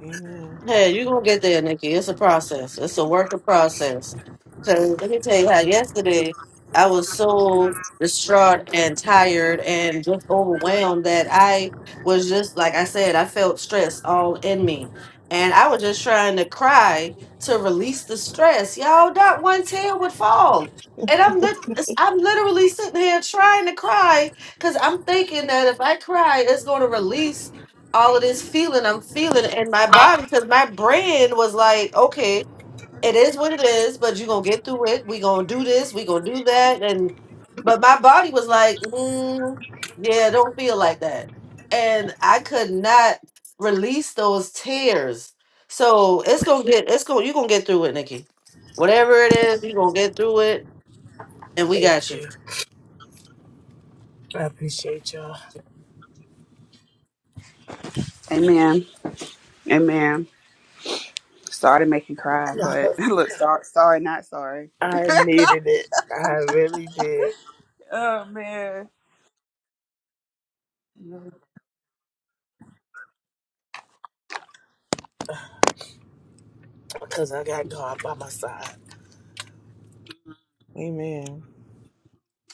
S3: Amen.
S6: Hey, you're gonna get there, Nikki. It's a process. It's a work of process. So let me tell you how yesterday I was so distraught and tired and just overwhelmed that I was just like I said, I felt stress all in me. And I was just trying to cry to release the stress. Y'all, not one tear would fall. And I'm lit- I'm literally sitting here trying to cry because I'm thinking that if I cry, it's going to release all of this feeling I'm feeling in my body because my brain was like, okay, it is what it is, but you're gonna get through it. we gonna do this, we gonna do that. And but my body was like, mm, yeah, don't feel like that. And I could not release those tears. So it's gonna get it's gonna you're gonna get through it, Nikki. Whatever it is, you're gonna get through it and we got
S5: Thank
S6: you.
S5: you. I appreciate y'all.
S2: amen amen sorry to make you cry
S5: (laughs)
S2: but (laughs) look sorry sorry not sorry
S5: I needed it. I really did.
S2: oh man
S5: Because I got God by my side.
S3: Amen.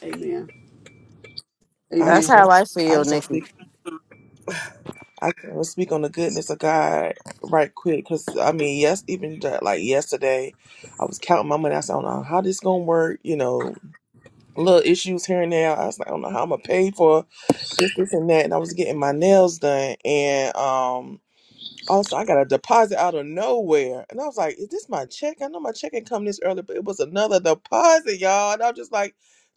S2: amen
S3: I
S6: That's
S2: amen
S3: just
S6: how
S3: want,
S6: I
S3: I
S6: feel,
S3: just want to
S6: Nikki.
S3: speak I can speak on the goodness of God right quick because I mean, yes, even ju- like yesterday, I was counting my money. I said, I don't know how this gonna work. You know, little issues here and there. I was like, I don't know how I'm gonna pay for this, this, and that. And I was getting my nails done, and um, also I got a deposit out of nowhere, and I was like, Is this my check? I know my check had come this early, but it was another deposit, y'all. And I was just like,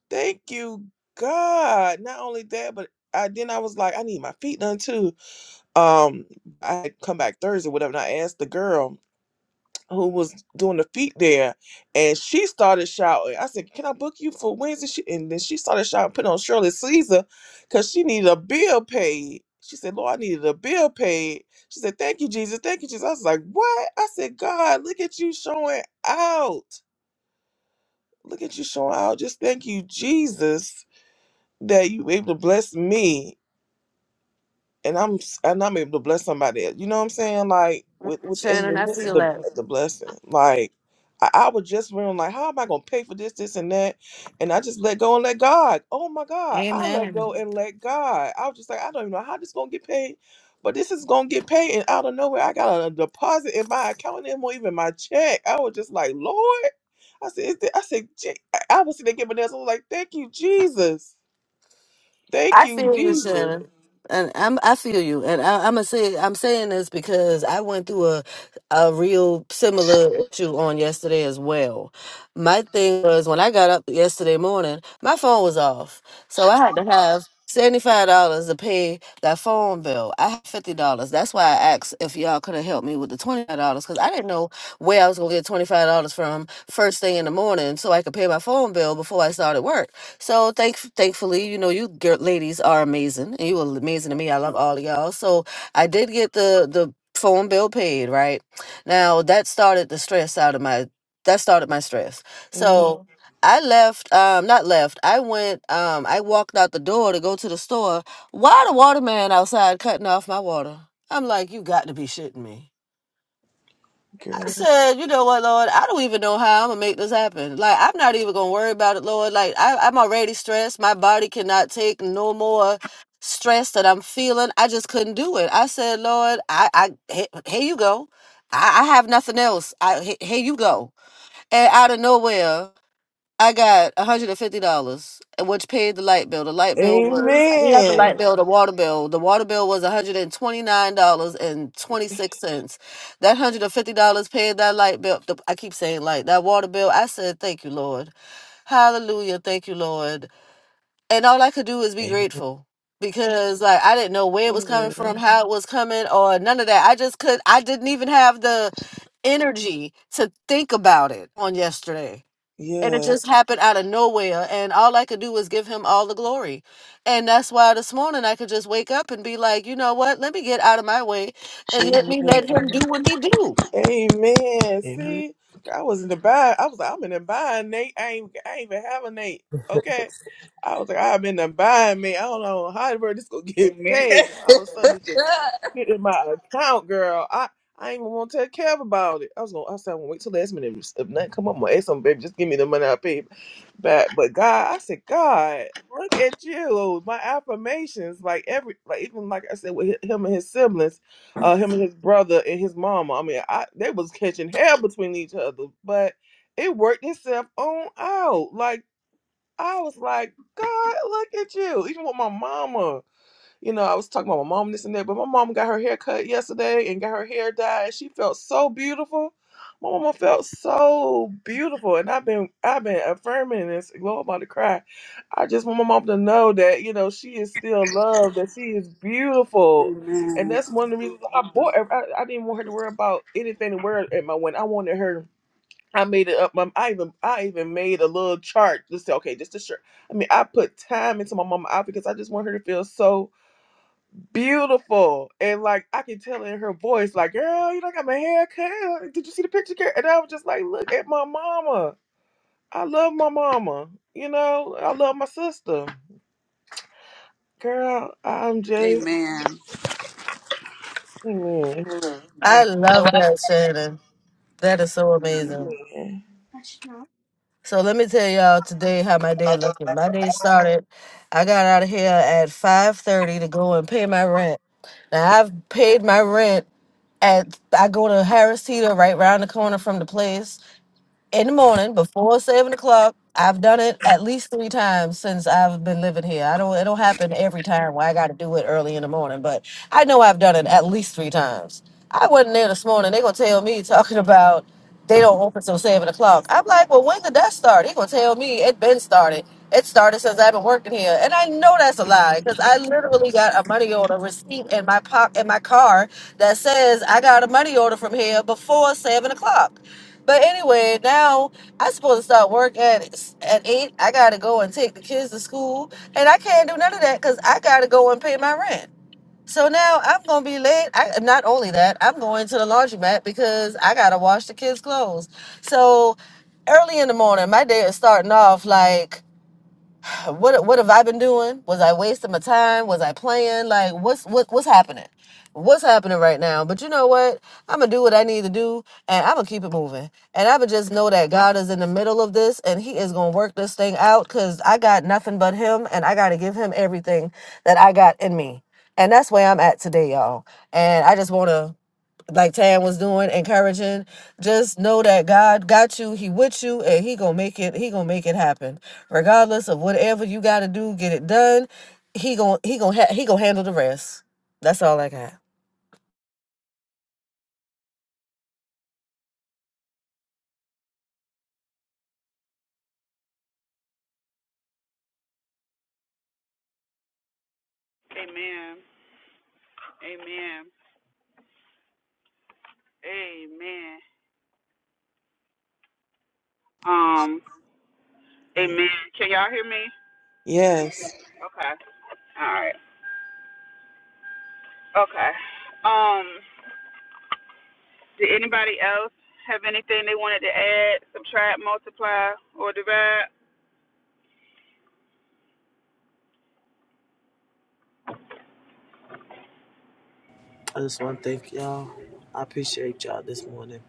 S3: Thank you, God. Not only that, but I then I was like, I need my feet done too um I had come back Thursday, whatever, and I asked the girl who was doing the feet there, and she started shouting. I said, Can I book you for Wednesday? She, and then she started shouting, putting on Shirley Caesar, because she needed a bill paid. She said, Lord, I needed a bill paid. She said, Thank you, Jesus. Thank you, Jesus. I was like, What? I said, God, look at you showing out. Look at you showing out. Just thank you, Jesus, that you were able to bless me and I'm s- and I'm able to bless somebody else. You know what I'm saying? Like with within
S6: Shannon,
S3: the
S6: I
S3: midst of
S6: feel
S3: the,
S6: that.
S3: the blessing. Like I, I was just wondering, like, how am I gonna pay for this, this, and that? And I just let go and let God. Oh my God, I let
S6: Amen.
S3: go and let God. I was just like, I don't even know how this gonna get paid, but this is gonna get paid. And out of nowhere, I got a deposit in my account and more even my check. I was just like, Lord, I said, is thi- I said, Je- I I was sitting there giving this. I was like, thank you, Jesus. Thank
S6: I
S3: you,
S6: feel you,
S3: Jesus.
S6: Shannon. And I'm I feel you. And I, I'm gonna say I'm saying this because I went through a a real similar issue on yesterday as well. My thing was when I got up yesterday morning, my phone was off. So I had to have $75 to pay that phone bill. I had $50. That's why I asked if y'all could have helped me with the $25 because I didn't know where I was going to get $25 from first thing in the morning so I could pay my phone bill before I started work. So thank, thankfully, you know, you gir- ladies are amazing, and you were amazing to me. I love all of y'all. So I did get the the phone bill paid. Right now, that started the stress out of my. That started my stress.
S3: Amen,
S6: So. Mhm. I left, um, not left. I went, um, I walked out the door to go to the store. Why the waterman outside cutting off my water? I'm like, you got to be shitting me.
S3: girl.
S6: I said, you know what, Lord, I don't even know how I'm gonna make this happen. Like, I'm not even gonna worry about it, Lord. Like, I, I'm already stressed. My body cannot take no more stress that I'm feeling. I just couldn't do it. I said, Lord, I, I he- here you go. I, I have nothing else. I he- here you go. And out of nowhere. I got $150, which paid the light bill. The light bill was, I mean, not the light
S3: Amen.
S6: bill, the water bill. The water bill was $129.26. That $150 paid that light bill. the- I keep saying light, that water bill. I said, thank you, Lord. Hallelujah. Thank you, Lord. And all I could do is be
S5: Amen.
S6: grateful because like I didn't know where it was coming from,
S3: Amen.
S6: how it was coming or none of that. I just could, I didn't even have the energy to think about it on yesterday and it
S3: Yes.
S6: just happened out of nowhere and all i could do was give him all the glory and that's why this morning i could just wake up and be like you know what let me get out of my way and let
S3: Amen.
S6: me let him do what he do
S3: Amen.
S5: Amen.
S3: See, I was in the bind. I was. like, I'm in the bind, Nate. I ain't. I ain't even have a Nate. Okay. I was like, I've been to buying me. I don't know how the word this gonna (laughs) get
S2: amen (laughs)
S3: paid. Just all of a sudden, it just hit in my account, girl. I I ain't even want to tell Kev about it. I was gonna. I said, I'm gonna wait till last minute. If nothing come up, I'm gonna ask him, baby, just give me the money I paid back. But God, I said, God, look at you. My affirmations, like every, like even like I said with hi- him and his siblings, uh, him and his brother and his mama. I mean, I they was catching hell between each other, but it worked itself on out. Like. I was like, God, look at you. Even with my mama, you know, I was talking about my mom this and that, but my mom got her hair cut yesterday and got her hair dyed. She felt so beautiful. My mama felt so beautiful, and I've been I've been affirming this. Lord, I'm about to cry. I just want my mom to know that you know she is still loved, that she is beautiful, and
S2: amen
S3: that's one of the reasons why I bought. her- I, I didn't want her to worry about anything to wear at my wedding. I wanted her I made it up. Mom. I even I even made a little chart. Just say, okay, just to sure. I mean, I put time into my mama outfit because I just want her to feel so beautiful and like I can tell in her voice, like, girl, you know, I got my hair cut. Did you see the picture? Girl? And I was just like, look at my mama. I love my mama. You know, I love my sister. Girl, I'm just
S2: amen
S3: man,
S6: I
S2: amen
S6: love that, Shannon. That is so amazing.
S3: man.
S6: So let me tell y'all today how my day looking. My day started. I got out of here at five thirty to go and pay my rent. Now I've paid my rent at. I go to Harris Teeter right around the corner from the place. in the morning before seven o'clock. I've done it at least three times since I've been living here. I don't it don't happen every time where I gotta do it early in the morning, but I know I've done it at least three times. I wasn't there this morning. They gonna tell me talking about they don't open till seven o'clock. I'm like, well when did that start? They gonna tell me it been started. It started since I've been working here. And I know that's a lie because I literally got a money order receipt in my pocket in my car that says I got a money order from here before seven o'clock. But anyway, now I supposed to start work at at eight. I gotta go and take the kids to school, and I can't do none of that because I gotta go and pay my rent. So now I'm gonna be late. I not only that, I'm going to the laundromat because I gotta wash the kids' clothes. So early in the morning, my day is starting off like. (sighs) what what have I been doing? Was I wasting my time? Was I playing? Like what's what what's happening? What's happening right now? But you know what? I'm gonna do what I need to do, and I'm gonna keep it moving. And I'm gonna just know that God is in the middle of this, and He is gonna work this thing out. Cause I got nothing but Him, and I gotta give Him everything that I got in me. And that's where I'm at today, y'all. And I just wanna like Tam was doing, encouraging. Just know that God got you. He with you, and He gonna make it. He gonna make it happen, regardless of whatever you gotta do. Get it done. He gonna He gonna ha- He gonna handle the rest. That's all I got.
S2: amen amen Amen. um amen can y'all hear me
S3: Yes,
S2: okay all right Okay. Um, did anybody else have anything they wanted to add, subtract, multiply, or divide?
S5: I just want to thank y'all. I appreciate y'all this morning.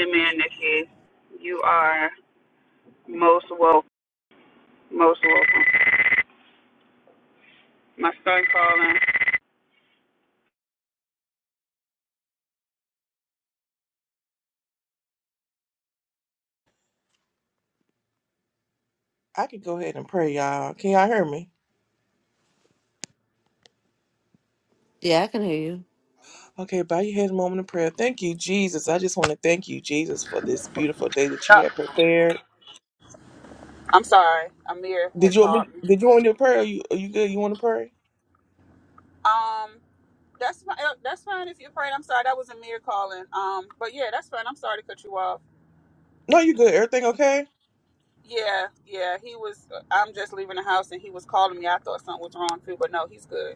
S2: Amen, Nikki. You are most welcome. Most welcome. My son calling.
S3: I can go ahead and pray, y'all. Can y'all hear me?
S6: Yeah, I can hear you.
S3: Okay, bow your head a moment of prayer. Thank you, Jesus. I just want to thank you, Jesus, for this beautiful day that you
S2: Uh,
S3: have prepared.
S2: I'm sorry. Amir
S3: Did
S2: had
S3: you want
S2: called
S3: me?
S2: me.
S3: Did you want me to pray? Are you Are you good? You want to pray?
S2: Um, that's fine. That's fine if you're praying, I'm sorry. That was Amir calling. Um, but yeah, that's fine. I'm sorry to cut you off.
S3: No, you good. Everything okay?
S2: Yeah, yeah. He was. uh, I'm just leaving the house, and he was calling me. I thought something was wrong too, but no, he's good.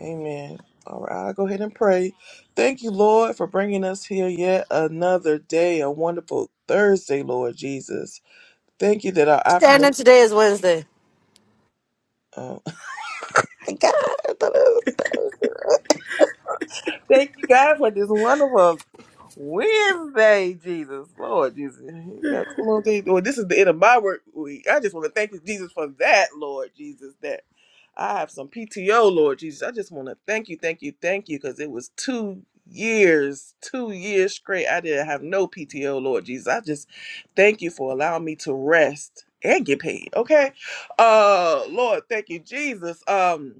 S3: Amen. All right, I'll go ahead and pray. Thank you, Lord, for bringing us here yet another day, a wonderful Thursday, Lord Jesus. Thank you that our
S6: Shannon,
S3: affirmation.
S6: today is Wednesday.
S3: Oh, (laughs) God, thank you, God, for this wonderful Wednesday, Jesus, Lord Jesus, that's a little thing. Well, this is the end of my work week. I just want to thank you, Jesus, for that, Lord Jesus, that I have some PTO, Lord Jesus. I just want to thank you, thank you, thank you, because it was two years, two years straight. I didn't have no PTO, Lord Jesus. I just thank you for allowing me to rest and get paid. Okay, uh, Lord, thank you, Jesus. Um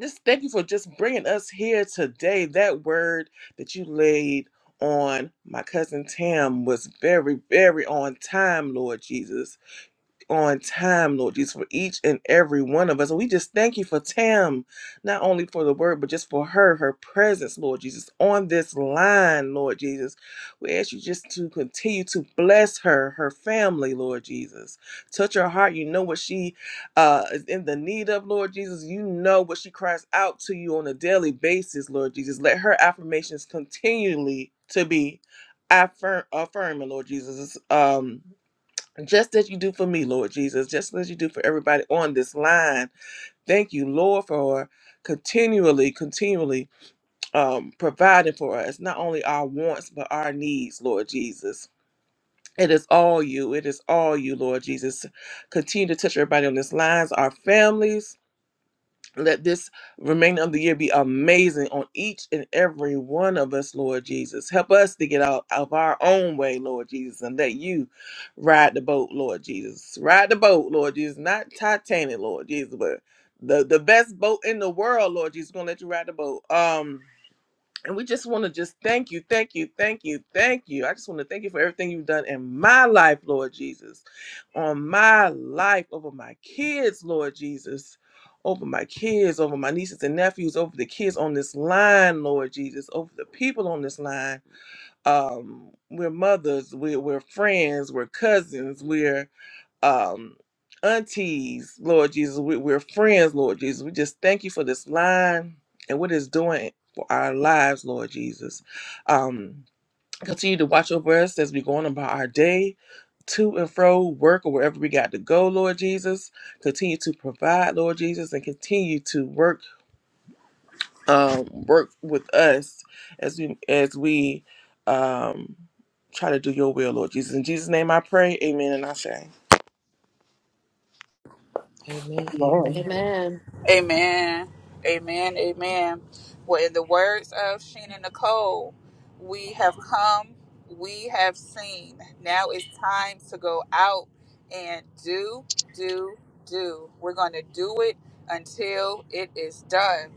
S3: just thank you for just bringing us here today. That word that you laid on my cousin Tam was very, very on time, Lord Jesus on time, Lord Jesus, for each and every one of us. And we just thank you for Tam, not only for the word, but just for her, her presence, Lord Jesus, on this line, Lord Jesus. We ask you just to continue to bless her, her family, Lord Jesus. Touch her heart. You know what she uh, is in the need of, Lord Jesus. You know what she cries out to you on a daily basis, Lord Jesus. Let her affirmations continually to be affirm affirming, Lord Jesus. Um, just as you do for me, Lord Jesus, just as you do for everybody on this line. Thank you, Lord, for continually, continually um, providing for us, not only our wants, but our needs, Lord Jesus. It is all you. It is all you, Lord Jesus. Continue to touch everybody on this line, our families, let this remainder of the year be amazing on each and every one of us, Lord Jesus. Help us to get out of our own way, Lord Jesus, and let you ride the boat, Lord Jesus. Ride the boat, Lord Jesus. Not Titanic, Lord Jesus, but the, the best boat in the world, Lord Jesus. Gonna let you ride the boat. Um, and we just want to just thank you, thank you, thank you, thank you. I just want to thank you for everything you've done in my life, Lord Jesus on my life, over my kids, Lord Jesus, over my kids, over my nieces and nephews, over the kids on this line, Lord Jesus, over the people on this line. Um, we're mothers, we're, we're friends, we're cousins, we're um, aunties, Lord Jesus, we, we're friends, Lord Jesus. We just thank you for this line and what it's doing for our lives, Lord Jesus. Um, continue to watch over us as we go on about our day to and fro work or wherever we got to go lord jesus continue to provide lord jesus and continue to work um work with us as we as we um try to do your will lord jesus in jesus name i pray amen and i say
S5: Amen. Amen.
S2: Amen. Amen. Amen. Well, in the words of Sheena Nicole, we have come, we have seen. Now it's time to go out and do, do, do. We're going to do it until it is done.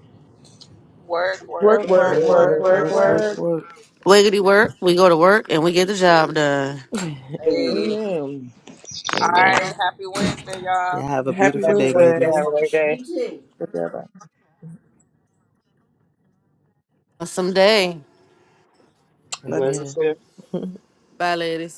S2: Work,
S3: work
S2: work,
S3: work
S2: work,
S5: Work,
S3: work
S5: work,
S2: work,
S3: work
S5: work,
S2: work.
S5: work,
S3: work
S5: work.
S6: Wiggity work. We go to work and we get the job done.
S5: (clears throat)
S2: Hey.
S3: amen
S2: All right.
S5: Amen.
S2: Happy Wednesday, y'all.
S5: Y'all have a
S3: happy
S5: beautiful day,
S3: wednesday
S1: Have a
S5: ladies.
S1: great day.
S6: Someday.
S3: Love you
S1: Love you
S5: Amen.
S1: too.
S6: Bye, ladies.